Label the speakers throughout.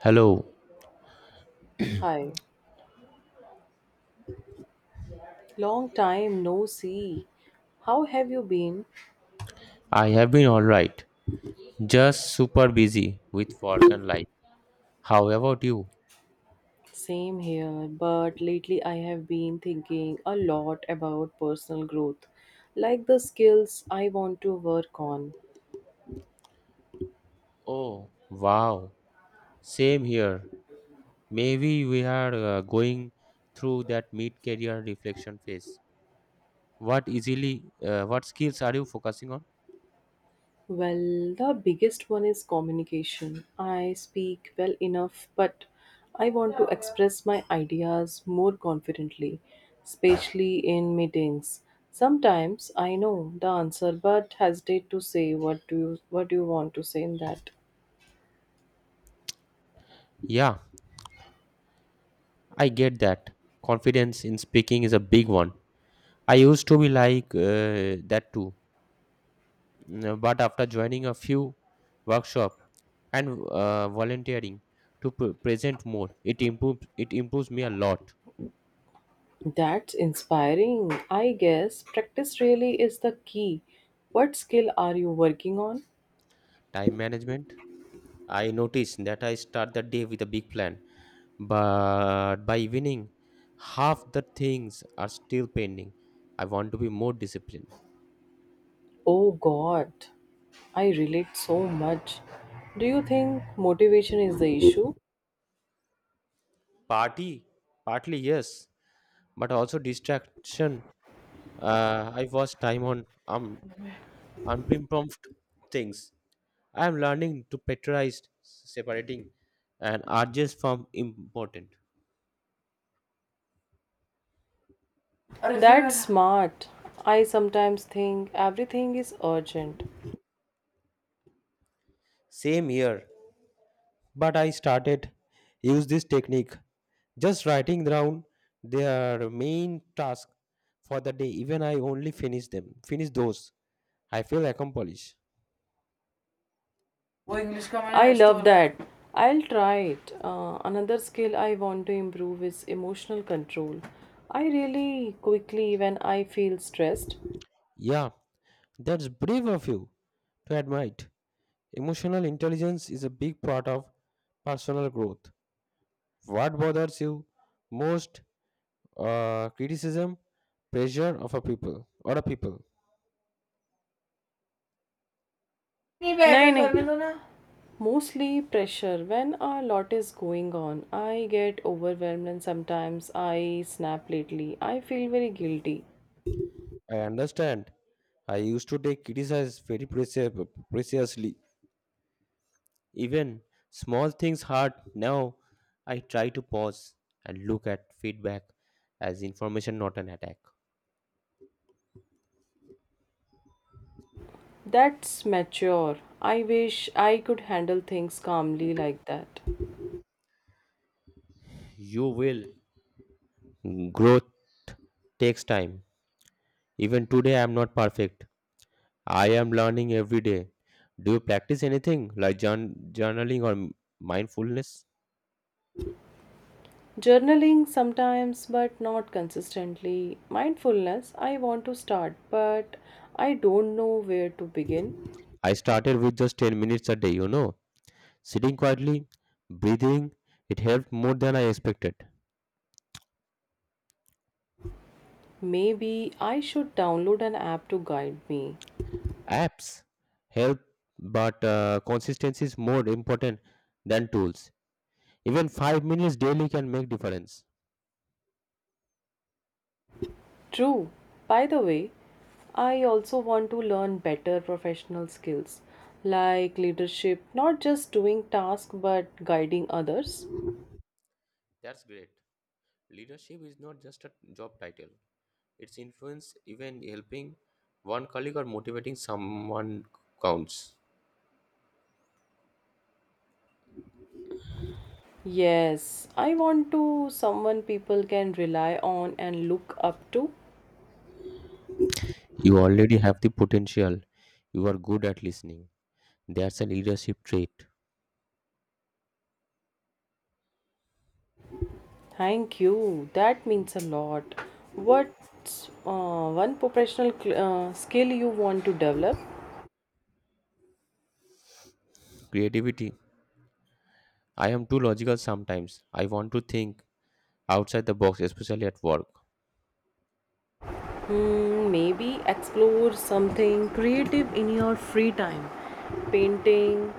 Speaker 1: Hello,
Speaker 2: Hi, long time no see. How have you been?
Speaker 1: I have been alright. Just super busy with work and life. How about you?
Speaker 2: Same here, but lately I have been thinking a lot about personal growth, like the skills I want to work on.
Speaker 1: Oh, wow. Same here. Maybe we are going through that mid-career reflection phase. What skills are you focusing on?
Speaker 2: Well, the biggest one is communication. I speak well enough, but I want to express my ideas more confidently, especially in meetings. Sometimes I know the answer but hesitate to say what do you want to say in that.
Speaker 1: Yeah, I get that. Confidence in speaking is a big one. I used to be like that too. But after joining a few workshop and volunteering to present more it improves me a lot.
Speaker 2: That's inspiring. I guess practice really is the key. What skill are you working on?
Speaker 1: Time management. I notice that I start the day with a big plan, but by evening half the things are still pending. I want to be more disciplined.
Speaker 2: Oh god. I relate so much. Do you think motivation is the issue?
Speaker 1: Party Partly yes, but also distraction. I was time on unprompted things. I am learning to prioritize separating and urges from important.
Speaker 2: Or if that's are, smart. I sometimes think everything is urgent.
Speaker 1: Same here, but I started use this technique, just writing down their main task for the day. Even I only finish them, finish those. I feel accomplished.
Speaker 2: Oh, English command I has love that. I'll try it. Another skill I want to improve is emotional control. I really quickly when I feel stressed.
Speaker 1: Yeah, that's brave of you to admit. Emotional intelligence is a big part of personal growth. What bothers you most, criticism, pressure of a people or a people.
Speaker 2: नहीं बैठ नहीं, के कर नहीं. लो ना. Mostly pressure. When a lot is going on, I get overwhelmed and sometimes I snap lately. I feel very guilty.
Speaker 1: I understand. I used to take criticism very preciously. Even small things hurt. Now I try to pause and look at feedback as information, not an attack.
Speaker 2: That's mature. I wish I could handle things calmly like that.
Speaker 1: You will. Growth takes time. Even today, I am not perfect. I am learning every day. Do you practice anything like journaling or mindfulness?
Speaker 2: Journaling sometimes, but not consistently. Mindfulness, I want to start, but I don't know where to begin.
Speaker 1: I started with just 10 minutes a day, sitting quietly, breathing. It helped more than I expected.
Speaker 2: Maybe I should download an app to guide me.
Speaker 1: Apps help, but consistency is more important than tools. Even 5 minutes daily can make difference.
Speaker 2: True. By the way, I also want to learn better professional skills like leadership, not just doing tasks but guiding others.
Speaker 1: That's great. Leadership is not just a job title. Its influence, even helping one colleague or motivating someone, counts.
Speaker 2: Yes, I want to someone people can rely on and look up to.
Speaker 1: You already have the potential. You are good at listening. That's a leadership trait.
Speaker 2: Thank you. That means a lot. What's one professional skill you want to develop?
Speaker 1: Creativity. I am too logical sometimes. I want to think outside the box, especially at work.
Speaker 2: Hmm, maybe explore something creative in your free time. Painting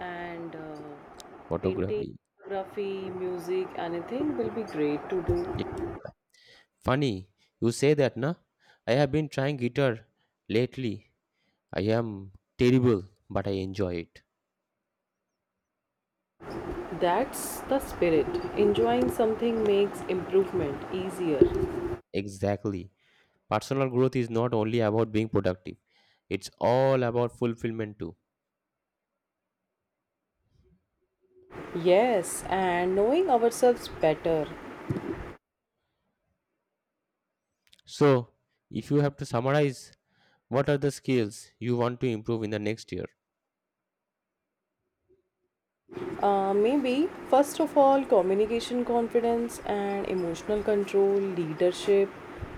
Speaker 2: and uh, painting,
Speaker 1: Photography.
Speaker 2: photography, music, anything will be great to do.
Speaker 1: Yeah. Funny, you say that, na? I have been trying guitar lately. I am terrible, but I enjoy it.
Speaker 2: That's the spirit. Enjoying something makes improvement easier.
Speaker 1: Exactly. Personal growth is not only about being productive, it's all about fulfillment too.
Speaker 2: Yes, and knowing ourselves better.
Speaker 1: So, if you have to summarize, what are the skills you want to improve in the next year?
Speaker 2: Maybe, first of all, communication confidence and emotional control, leadership.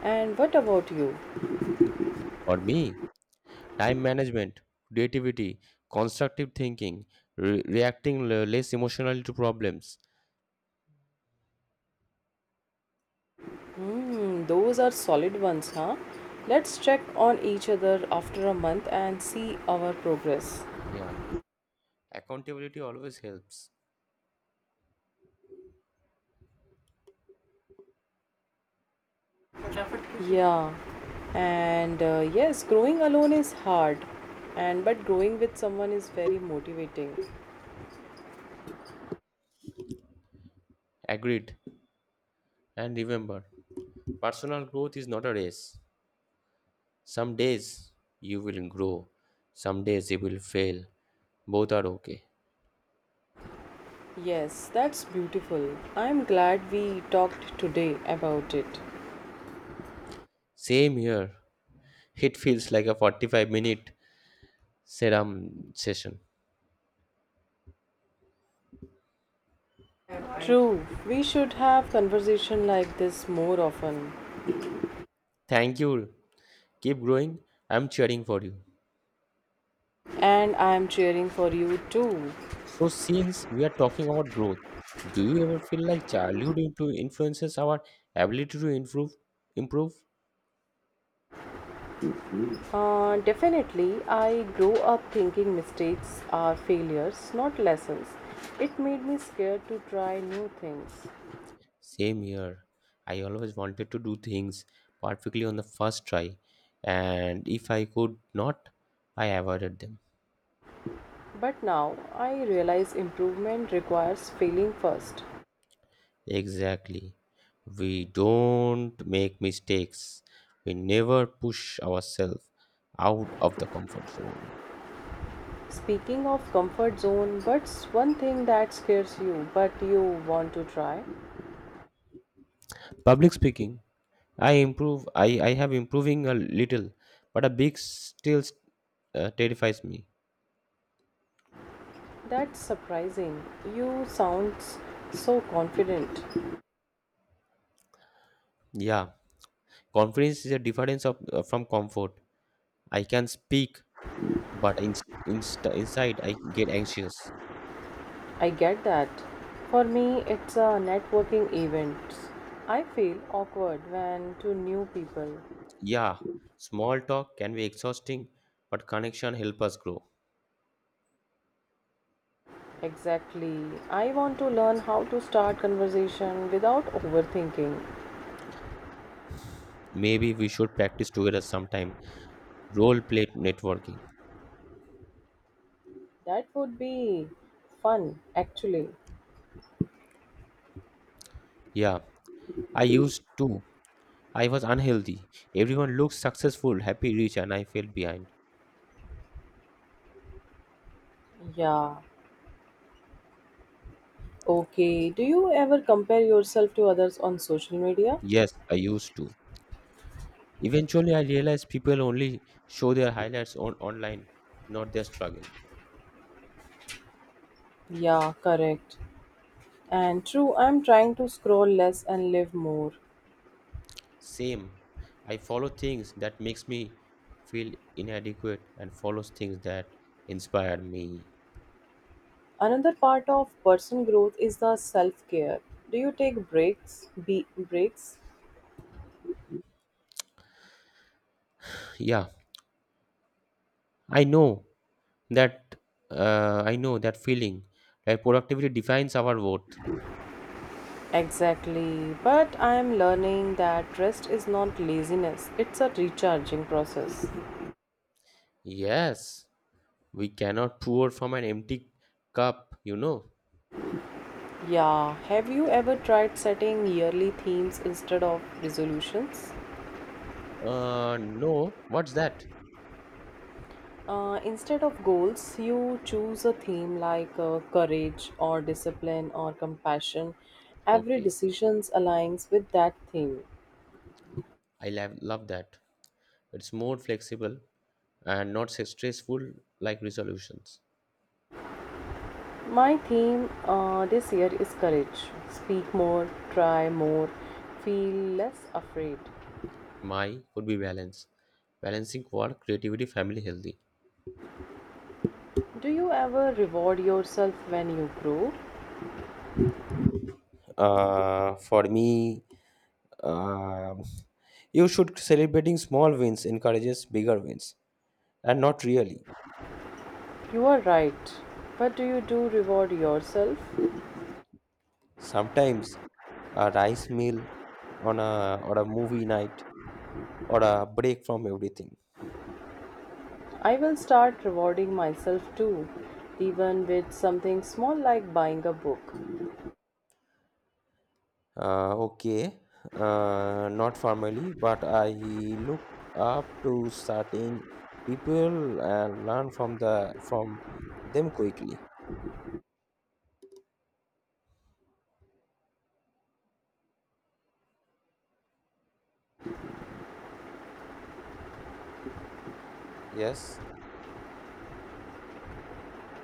Speaker 2: And what about you?
Speaker 1: For me, time management, creativity, constructive thinking, reacting less emotionally to problems.
Speaker 2: Hmm, those are solid ones, huh? Let's check on each other after a month and see our progress.
Speaker 1: Yeah, accountability always helps.
Speaker 2: Yeah. And yes, growing alone is hard, and but growing with someone is very motivating.
Speaker 1: Agreed. And remember, personal growth is not a race. Some days you will grow, some days you will fail. Both are okay.
Speaker 2: Yes, that's beautiful. I'm glad we talked today about it.
Speaker 1: Same here. It feels like a 45-minute serum session.
Speaker 2: True, we should have conversation like this more often.
Speaker 1: Thank you. Keep growing. I'm cheering for you.
Speaker 2: And I am cheering for you too.
Speaker 1: So, since we are talking about growth, do you ever feel like childhood influences our ability to improve? Improve?
Speaker 2: Definitely, I grow up thinking mistakes are failures, not lessons. It made me scared to try new things.
Speaker 1: Same here. I always wanted to do things perfectly on the first try, and if I could not, I avoided them.
Speaker 2: But now I realize improvement requires failing first.
Speaker 1: Exactly. We don't make mistakes. We never push ourselves out of the comfort zone.
Speaker 2: Speaking of comfort zone, what's one thing that scares you but you want to try?
Speaker 1: Public speaking. I improve. I have improving a little, but a big still terrifies me.
Speaker 2: That's surprising. You sound so confident.
Speaker 1: Yeah, confidence is a difference of from comfort. I can speak, but in, inst inside I get anxious.
Speaker 2: I get that. For me, it's a networking event. I feel awkward when to new people.
Speaker 1: Yeah, small talk can be exhausting, but connection help us grow.
Speaker 2: Exactly. I want to learn how to start conversation without overthinking.
Speaker 1: Maybe we should practice together sometime. Role play networking.
Speaker 2: That would be fun actually.
Speaker 1: Yeah, I used to. I was unhealthy. Everyone looks successful, happy, rich, and I fell behind.
Speaker 2: Yeah. Okay. Do you ever compare yourself to others on social media?
Speaker 1: Yes, I used to. Eventually, I realized people only show their highlights on online, not their struggle.
Speaker 2: Yeah, correct. And true, I'm trying to scroll less and live more.
Speaker 1: Same, I follow things that makes me feel inadequate and follows things that inspire me.
Speaker 2: Another part of personal growth is the self-care. Do you take breaks? Be Breaks?
Speaker 1: Yeah, I know that. I know that feeling. Like productivity defines our worth.
Speaker 2: Exactly. But I am learning that rest is not laziness. It's a recharging process.
Speaker 1: Yes, we cannot pour from an empty cup. You know.
Speaker 2: Yeah. Have you ever tried setting yearly themes instead of resolutions?
Speaker 1: No. What's that?
Speaker 2: Instead of goals, you choose a theme like courage or discipline or compassion. Every
Speaker 1: Okay,
Speaker 2: decision aligns with that theme.
Speaker 1: I love that. It's more flexible and not stressful like resolutions.
Speaker 2: My theme this year is courage. Speak more, try more, feel less afraid.
Speaker 1: My could be balance, balancing work, creativity, family, healthy.
Speaker 2: Do you ever reward yourself when you grow?
Speaker 1: For me, uh, you should celebrating small wins encourages bigger wins, and not really.
Speaker 2: You are right. But do you do reward yourself?
Speaker 1: Sometimes a rice meal on a or a movie night or a break from everything.
Speaker 2: I will start rewarding myself too, even with something small like buying a book.
Speaker 1: Okay, not formally, but I look up to certain people and learn from them quickly. Yes,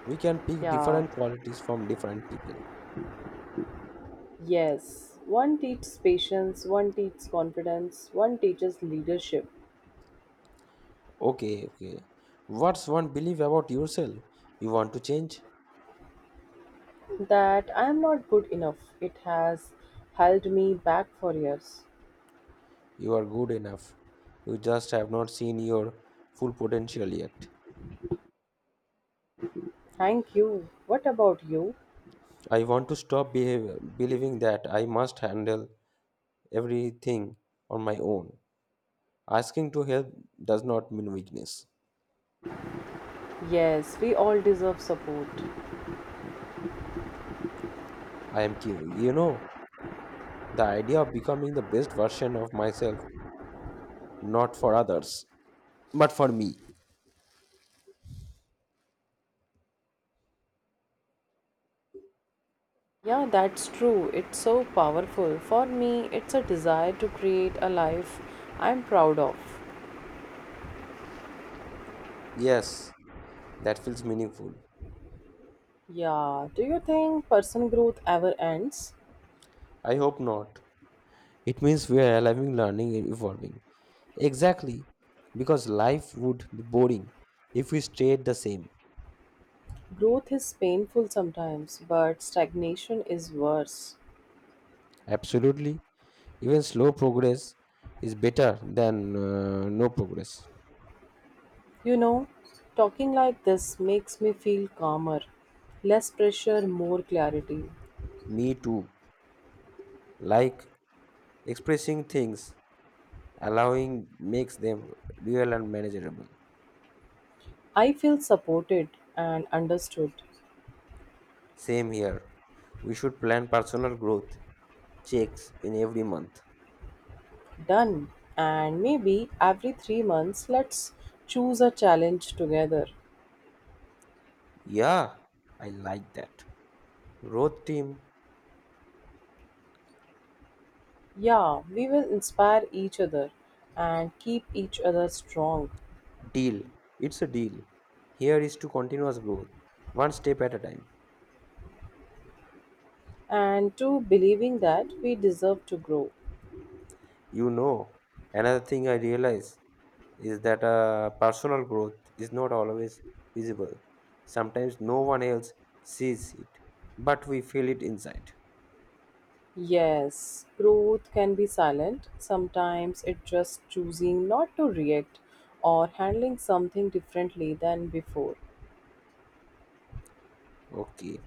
Speaker 1: we can pick
Speaker 2: Yeah,
Speaker 1: different qualities from different people.
Speaker 2: yes. One teaches patience, one teaches confidence, one teaches leadership.
Speaker 1: Okay, okay. What's one belief about yourself? You want to change?
Speaker 2: That I am not good enough. It has held me back for years.
Speaker 1: You are good enough. You just have not seen your full potential yet.
Speaker 2: Thank you. What about you?
Speaker 1: I want to stop believing that I must handle everything on my own. Asking to help does not mean weakness.
Speaker 2: Yes, we all deserve support.
Speaker 1: I am you know, the idea of becoming the best version of myself, not for others, but for me.
Speaker 2: Yeah, that's true. It's so powerful. For me, it's a desire to create a life I'm proud of.
Speaker 1: Yes, that feels meaningful.
Speaker 2: Yeah, do you think personal growth ever ends?
Speaker 1: I hope not. It means we are alive, learning, and evolving. Exactly, because life would be boring if we stayed the same.
Speaker 2: Growth is painful sometimes, but stagnation is worse.
Speaker 1: Absolutely, even slow progress is better than no progress.
Speaker 2: You know, talking like this makes me feel calmer. Less pressure, more clarity.
Speaker 1: Me too. Like expressing things allowing makes them real and manageable.
Speaker 2: I feel supported and understood.
Speaker 1: Same here. We should plan personal growth checks in every month.
Speaker 2: Done. And maybe every 3 months, let's choose a challenge together.
Speaker 1: Yeah, I like that. Growth team
Speaker 2: Yeah, we will inspire each other and keep each other strong
Speaker 1: deal. It's a deal. Here is to continuous growth, one step at a time.
Speaker 2: and to believing that we deserve to grow.
Speaker 1: You know, another thing I realize is that personal growth is not always visible. Sometimes no one else sees it, but we feel it inside.
Speaker 2: Yes, growth can be silent. Sometimes it's just choosing not to react or handling something differently than before.
Speaker 1: Okay.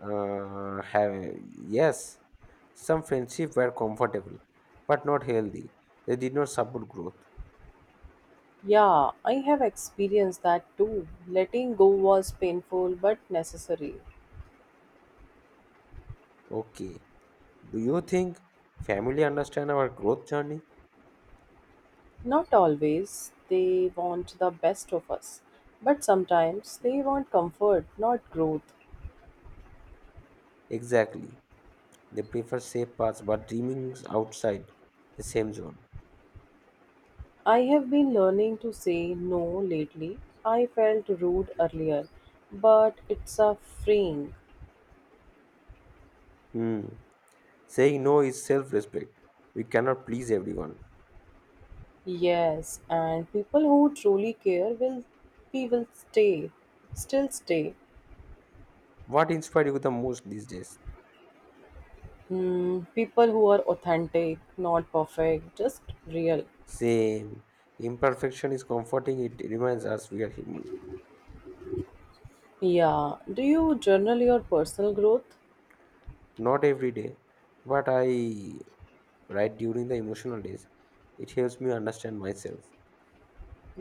Speaker 1: have Yes, some friendships were comfortable but not healthy. They did not support growth.
Speaker 2: Yeah, I have experienced that too. Letting go was painful but necessary.
Speaker 1: Okay. Do you think family understand our growth journey?
Speaker 2: Not always they want the best of us, but sometimes they want comfort, not growth.
Speaker 1: Exactly. They prefer safe paths but dreaming outside the same zone.
Speaker 2: I have been learning to say no lately. I felt rude earlier, but it's a freeing.
Speaker 1: Hmm. Saying no is self-respect. We cannot please everyone.
Speaker 2: Yes, and people who truly care will we will stay, still stay.
Speaker 1: What inspired you the most these days?
Speaker 2: Hmm, people who are authentic, not perfect, just real.
Speaker 1: Same. Imperfection is comforting. It reminds us we are human.
Speaker 2: Yeah. Do you journal your personal growth?
Speaker 1: Not every day, but I write during the emotional days. It helps me understand myself.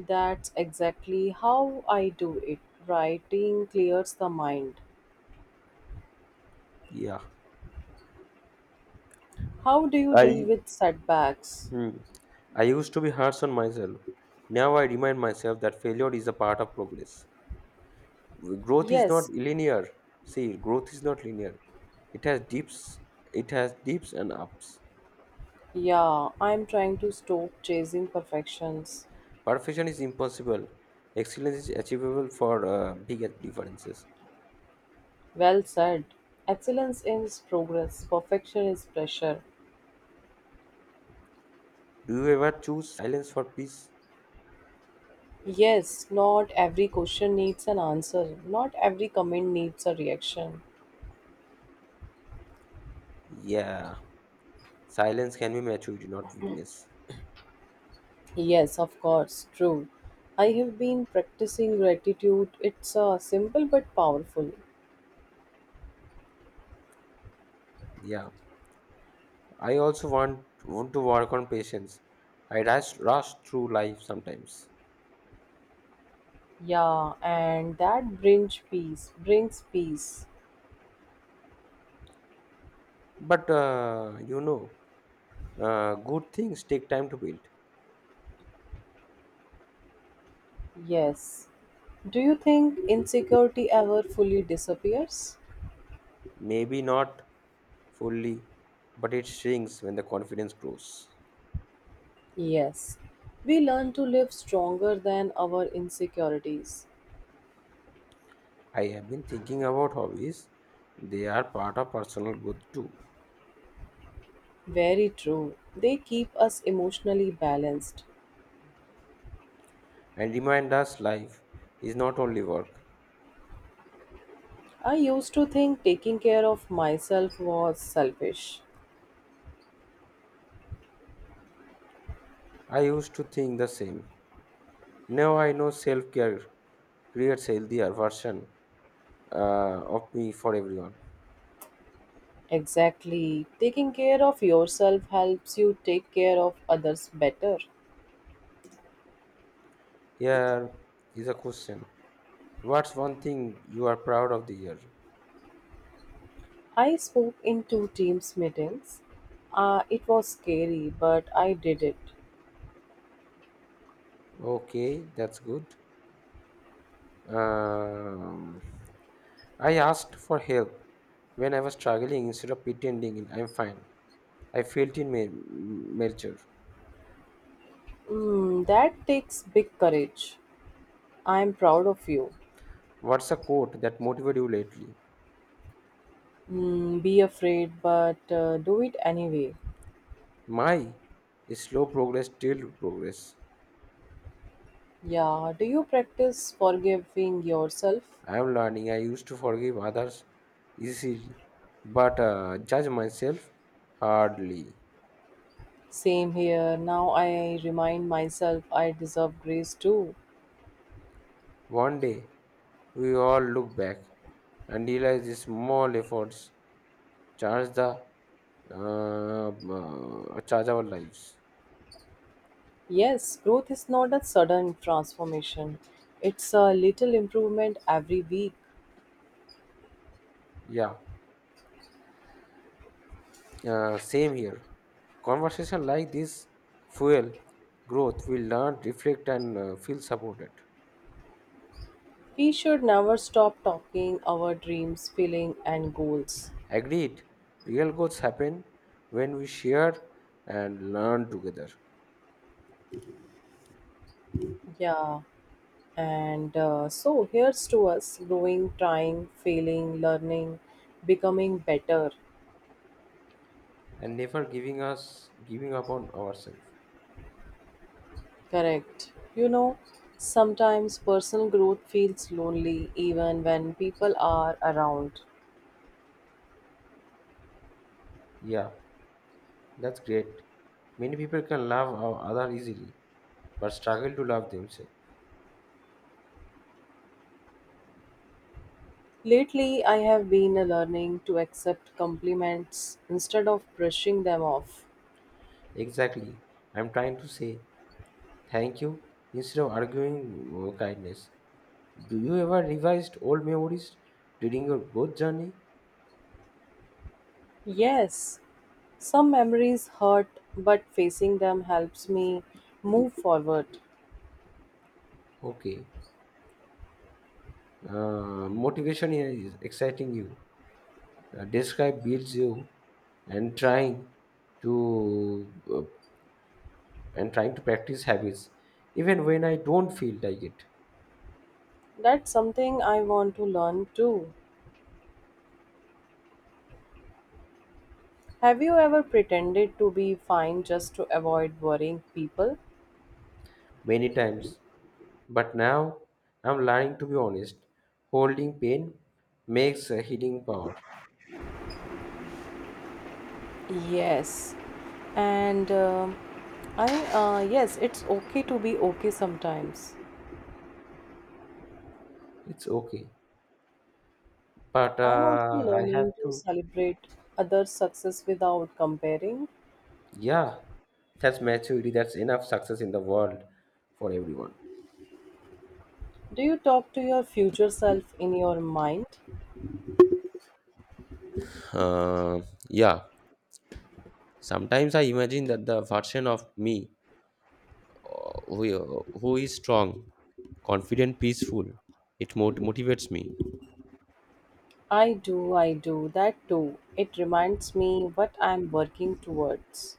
Speaker 2: That's exactly how I do it. Writing clears the mind.
Speaker 1: Yeah.
Speaker 2: How do you
Speaker 1: I
Speaker 2: deal with setbacks?
Speaker 1: hmm, I used to be harsh on myself. Now I remind myself that failure is a part of progress. Growth is not
Speaker 2: Yes.
Speaker 1: linear. See, growth is not linear. It has dips. It has dips and ups.
Speaker 2: Yeah, I'm trying to stop chasing perfections.
Speaker 1: Perfection is impossible. Excellence is achievable for big differences.
Speaker 2: Well said. Excellence is progress, perfection is pressure.
Speaker 1: Do you ever choose silence for peace?
Speaker 2: Yes, not every question needs an answer, not every comment needs a reaction.
Speaker 1: Yeah. Silence can be maturity, not weakness.
Speaker 2: Yes, of course, true. I have been practicing gratitude. It's simple but powerful.
Speaker 1: Yeah, I also want to work on patience. I rush through life sometimes,
Speaker 2: Yeah, and that brings peace. Brings peace.
Speaker 1: but good things take time to build.
Speaker 2: Yes. Do you think insecurity ever fully disappears?
Speaker 1: Maybe not fully, but it shrinks when the confidence grows.
Speaker 2: Yes. We learn to live stronger than our insecurities.
Speaker 1: I have been thinking about hobbies. They are part of personal growth too,
Speaker 2: Very true. They keep us emotionally balanced.
Speaker 1: and remind us life is not only work.
Speaker 2: I used to think taking care of myself was selfish.
Speaker 1: I used to think the same. Now I know self care creates healthier version uh, of me for everyone.
Speaker 2: Exactly. Taking care of yourself helps you take care of others better.
Speaker 1: Here is a question: What's one thing you are proud of the year?
Speaker 2: I spoke in two teams meetings. It was scary, but I did it.
Speaker 1: Okay, that's good. Um, I asked for help when I was struggling instead of pretending I'm fine. I felt in nature.
Speaker 2: Mm, that takes big courage. I'm proud of you.
Speaker 1: What's a quote that motivated you lately?
Speaker 2: Mm, be afraid, but do it anyway.
Speaker 1: My is slow progress till progress.
Speaker 2: Yeah, do you practice forgiving yourself?
Speaker 1: I am learning. I used to forgive others easily, but judge myself hardly.
Speaker 2: Same here. Now I remind myself I deserve grace too.
Speaker 1: One day, we all look back and realize these small efforts charge the charge our lives.
Speaker 2: Yes, growth is not a sudden transformation. It's a little improvement every week.
Speaker 1: Yeah, same here. Conversation like this fuel growth. We learn, reflect, and feel supported.
Speaker 2: We should never stop talking our dreams, feeling, and goals.
Speaker 1: Agreed. Real growth happen when we share and learn together,
Speaker 2: Yeah, and so here's to us growing, trying, failing, learning, becoming better.
Speaker 1: and never giving up on ourselves.
Speaker 2: Correct. Sometimes personal growth feels lonely even when people are around.
Speaker 1: Yeah, that's great. Many people can love our other easily, but struggle to love themselves.
Speaker 2: Lately, I have been learning to accept compliments instead of brushing them off.
Speaker 1: Exactly. I'm trying to say thank you instead of arguing kindness. Do you ever revised old memories during your growth journey?
Speaker 2: Yes, some memories hurt, but facing them helps me move forward.
Speaker 1: Okay. Motivation is exciting you. Describe builds you and to uh, trying to practice habits even when I don't feel like it
Speaker 2: That's something I want to learn too. Have you ever pretended to be fine just to avoid worrying people?
Speaker 1: many times. But now I'm learning to be honest. Holding pain makes a healing power.
Speaker 2: Yes, and I yes, it's okay to be okay sometimes.
Speaker 1: It's okay. But
Speaker 2: I'm also
Speaker 1: I have
Speaker 2: learning to
Speaker 1: to,
Speaker 2: celebrate others' success without comparing.
Speaker 1: yeah, that's maturity. That's enough success in the world for everyone.
Speaker 2: Do you talk to your future self in your mind?
Speaker 1: Uh, yeah, sometimes I imagine that the version of me who is strong, confident, peaceful, it motivates me.
Speaker 2: I do, that too. It reminds me what I'm working towards.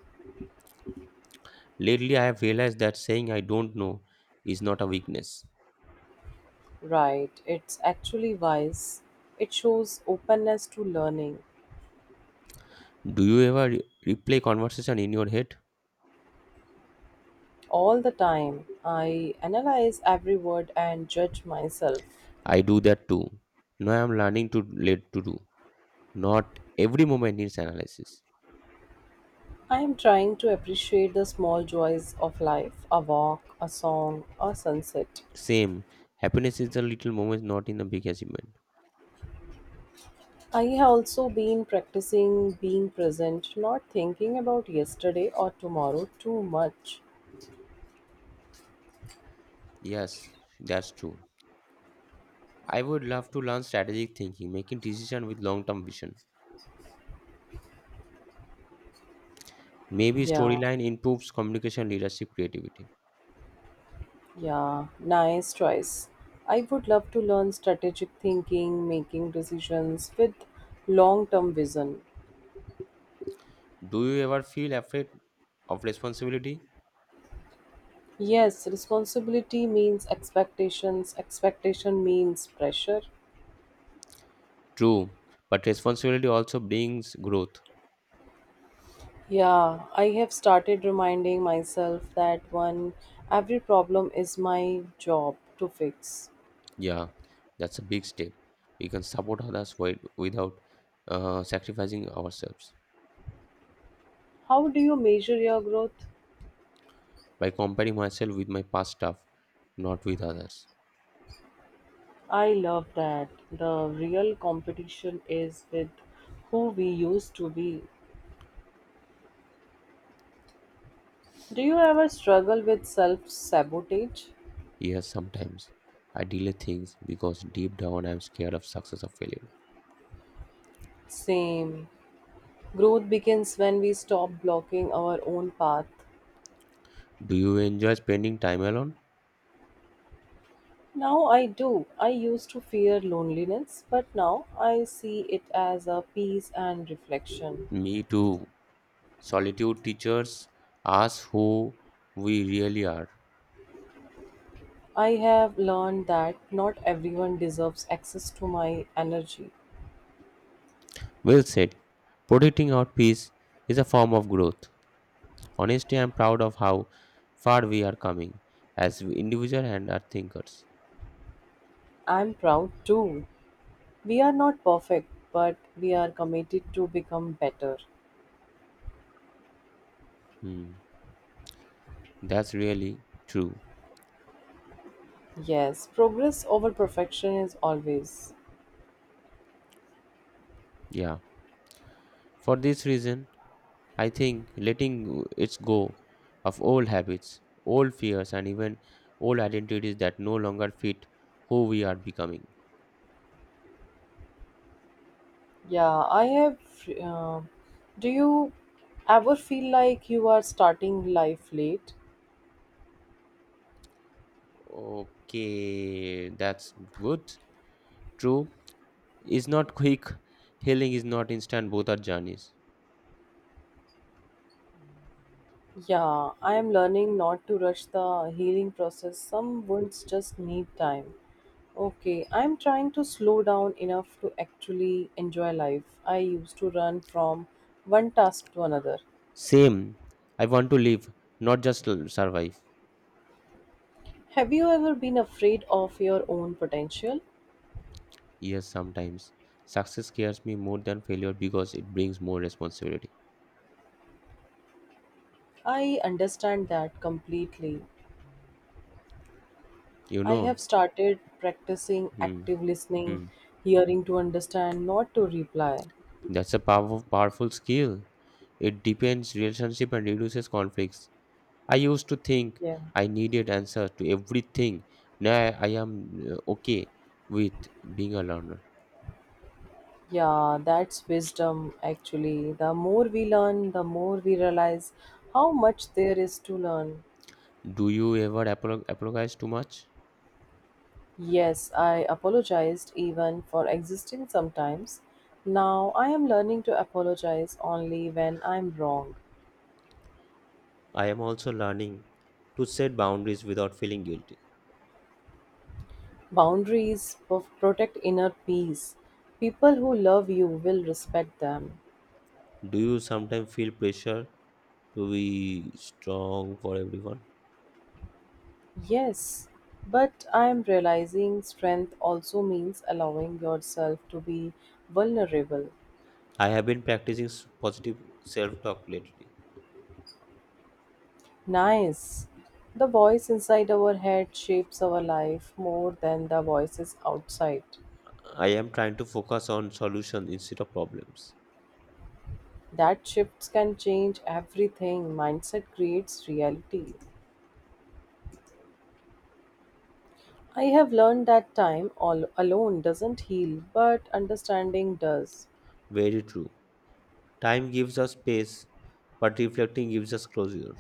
Speaker 1: Lately, I have realized that saying I don't know is not a weakness.
Speaker 2: Right, it's actually wise. It shows openness to learning.
Speaker 1: Do you ever replay conversation in your head?
Speaker 2: All the time, I analyze every word and judge myself.
Speaker 1: I do that too. Now I am learning to let to do. Not every moment needs analysis.
Speaker 2: I am trying to appreciate the small joys of life a walk, a song, a sunset.
Speaker 1: Same. Happiness is the little moments, not in a big achievement.
Speaker 2: I have also been practicing being present, not thinking about yesterday or tomorrow too much.
Speaker 1: Yes, that's true. I would love to learn strategic thinking, making decision with long-term vision. Maybe
Speaker 2: Yeah,
Speaker 1: storyline improves communication, leadership, creativity.
Speaker 2: yeah, nice choice. I would love to learn strategic thinking, making decisions with long term vision.
Speaker 1: Do you ever feel afraid of responsibility?
Speaker 2: Yes, responsibility means expectations, expectation means pressure.
Speaker 1: True, but responsibility also brings growth.
Speaker 2: Yeah, I have started reminding myself that one, every problem is my job to fix.
Speaker 1: Yeah, that's a big step. We can support others while, without sacrificing ourselves.
Speaker 2: How do you measure your growth?
Speaker 1: By comparing myself with my past stuff, not with others.
Speaker 2: I love that. The real competition is with who we used to be. Do you ever struggle with self sabotage?
Speaker 1: Yes, sometimes I delay things because deep down I'm scared of success or failure.
Speaker 2: Same. Growth begins when we stop blocking our own path.
Speaker 1: Do you enjoy spending time alone?
Speaker 2: Now I do. I used to fear loneliness, but now I see it as a peace and reflection.
Speaker 1: Me too. Solitude teaches us who we really are.
Speaker 2: I have learned that not everyone deserves access to my energy.
Speaker 1: Well said. Protecting our peace is a form of growth. Honestly, I'm proud of how far we are coming as individuals and as thinkers.
Speaker 2: I'm proud too. We are not perfect, but we are committed to become better.
Speaker 1: Hmm, that's really true.
Speaker 2: Yes, progress over perfection is always.
Speaker 1: Yeah. For this reason, I think letting it go of old habits, old fears, and even old identities that no longer fit who we are becoming.
Speaker 2: Yeah, I have. Uh, do you ever feel like you are starting life late?
Speaker 1: Okay, that's good. True. Is not quick. Healing is not instant. Both are journeys.
Speaker 2: Yeah, I am learning not to rush the healing process. Some wounds just need time. Okay, I'm trying to slow down enough to actually enjoy life. I used to run from one task to another.
Speaker 1: Same. I want to live, not just survive.
Speaker 2: Have you ever been afraid of your own potential?
Speaker 1: Yes, sometimes. Success scares me more than failure because it brings more responsibility.
Speaker 2: I understand that completely.
Speaker 1: You
Speaker 2: I have
Speaker 1: know,
Speaker 2: started practicing
Speaker 1: hmm,
Speaker 2: active listening,
Speaker 1: hmm.
Speaker 2: hearing to understand, not to reply.
Speaker 1: That's a powerful, powerful skill. It deepens relationship and reduces conflicts. I used to think
Speaker 2: Yeah.
Speaker 1: I needed answers to everything. Now I am okay with being a learner.
Speaker 2: Yeah, that's wisdom actually. The more we learn, the more we realize how much there is to learn.
Speaker 1: Do you ever apologize too much?
Speaker 2: Yes, I apologized even for existing sometimes. Now I am learning to apologize only when I'm wrong.
Speaker 1: I am also learning to set boundaries without feeling guilty.
Speaker 2: Boundaries of protect inner peace. People who love you will respect them.
Speaker 1: Do you sometimes feel pressure to be strong for everyone?
Speaker 2: Yes, but I am realizing strength also means allowing yourself to be vulnerable.
Speaker 1: I have been practicing positive self talk lately.
Speaker 2: Nice. The voice inside our head shapes our life more than the voices outside.
Speaker 1: I am trying to focus on solutions instead of problems.
Speaker 2: That shifts can change everything. Mindset creates reality. I have learned that time all alone doesn't heal, but understanding does.
Speaker 1: Very true. Time gives us space, but reflecting gives us closure.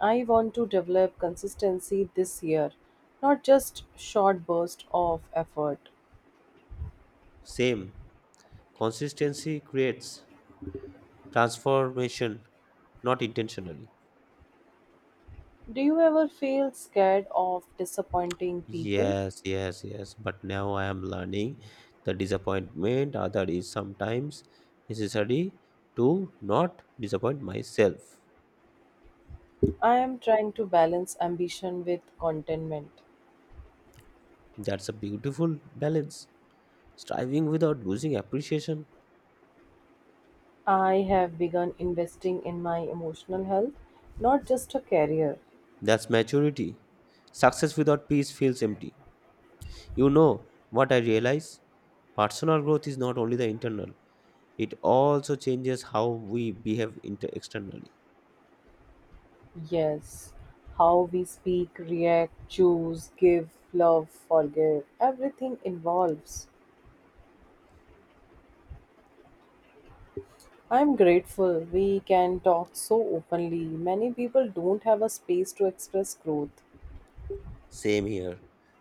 Speaker 2: I want to develop consistency this year, not just short bursts of effort.
Speaker 1: Same. Consistency creates transformation, not intentionally.
Speaker 2: Do you ever feel scared of disappointing people?
Speaker 1: Yes, yes, yes. But now I am learning the disappointment other is sometimes necessary to not disappoint myself.
Speaker 2: I am trying to balance ambition with contentment.
Speaker 1: That's a beautiful balance. Striving without losing appreciation?
Speaker 2: I have begun investing in my emotional health, not just a career.
Speaker 1: That's maturity. Success without peace feels empty. You know what I realize? Personal growth is not only the internal, it also changes how we behave externally.
Speaker 2: Yes, how we speak, react, choose, give, love, forgive, everything involves. I'm grateful we can talk so openly. Many people don't have a space to express growth.
Speaker 1: Same here.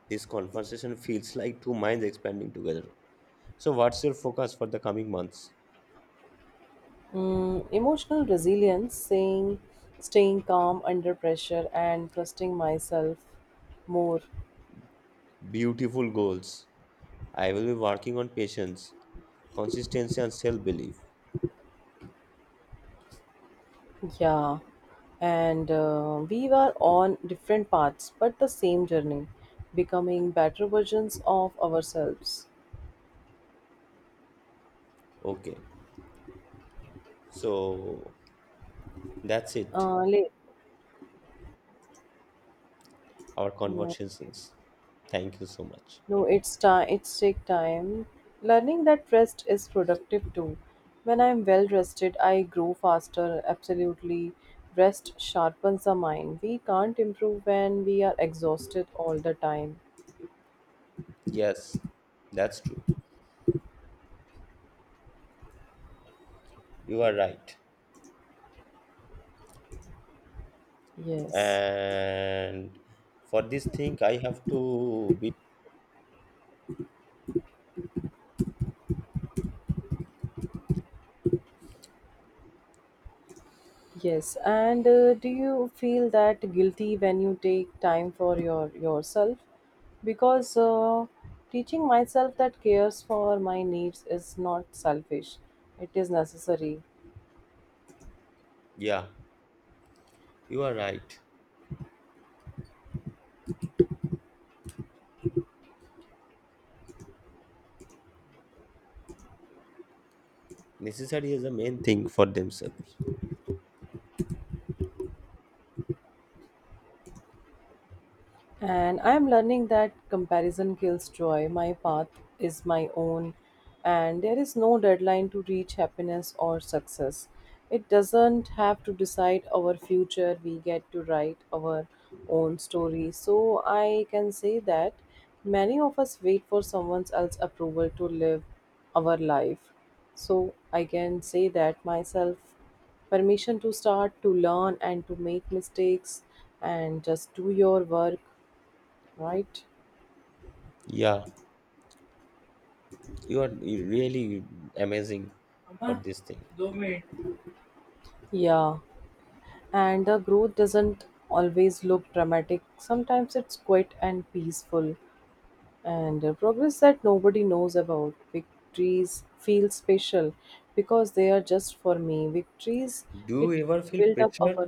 Speaker 1: This conversation feels like two minds expanding together. So, what's your focus for the coming months?
Speaker 2: Mm, emotional resilience, saying, staying calm under pressure, and trusting myself more.
Speaker 1: Beautiful goals. I will be working on patience, consistency, and self belief.
Speaker 2: Yeah, and we were on different paths but the same journey, becoming better versions of ourselves.
Speaker 1: Okay, so that's it.
Speaker 2: Late.
Speaker 1: Our
Speaker 2: No,
Speaker 1: conversations. Thank you so much.
Speaker 2: no, it's time. It's take time. Learning that rest is productive too. When I'm well rested, I grow faster. Absolutely, rest sharpens the mind. We can't improve when we are exhausted all the time.
Speaker 1: Yes, that's true. You are right.
Speaker 2: Yes,
Speaker 1: And for this thing, I have to be.
Speaker 2: yes. And do you feel that guilty when you take time for yourself? Because teaching myself that cares for my needs is not selfish. It is necessary.
Speaker 1: Yeah, you are right. Necessary is the main thing for themselves.
Speaker 2: And I am learning that comparison kills joy. My path is my own, and there is no deadline to reach happiness or success. It doesn't have to decide our future. We get to write our own story. So I can say that many of us wait for someone else's approval to live our life. So I can say that myself permission to start, to learn, and to make mistakes and just do your work, right?
Speaker 1: Yeah, you are really amazing for
Speaker 2: Amma,
Speaker 1: this thing.
Speaker 2: do minute. Yeah, and the growth doesn't always look dramatic. Sometimes it's quiet and peaceful, and a progress that nobody knows about. Victories feel special because they are just for me. Victories,
Speaker 1: Do
Speaker 2: it
Speaker 1: you ever feel
Speaker 2: build up
Speaker 1: pressure
Speaker 2: our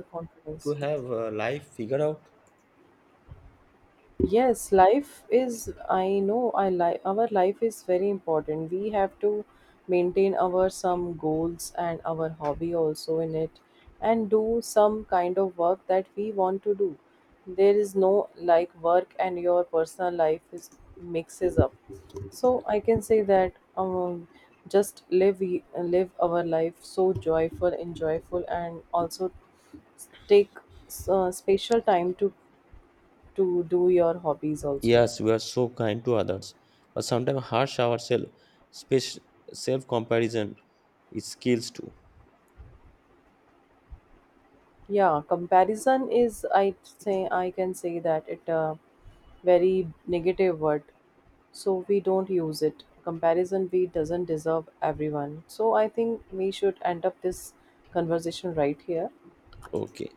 Speaker 1: to
Speaker 2: confidence.
Speaker 1: have a life figured out?
Speaker 2: Yes, life is, I know, I like our life is very important. We have to maintain our some goals and our hobby also in it and do some kind of work that we want to do. There is no like work and your personal life is mixes up. So I can say that just live live our life so joyful and joyful and also take special time to do your hobbies also.
Speaker 1: Yes, we are so kind to others, but sometimes harsh ourselves. Self comparison is skills too.
Speaker 2: Yeah, comparison is, I say, I can say that it a very negative word, so we don't use it. Comparison we doesn't deserve everyone, so I think we should end up this conversation right here.
Speaker 1: Okay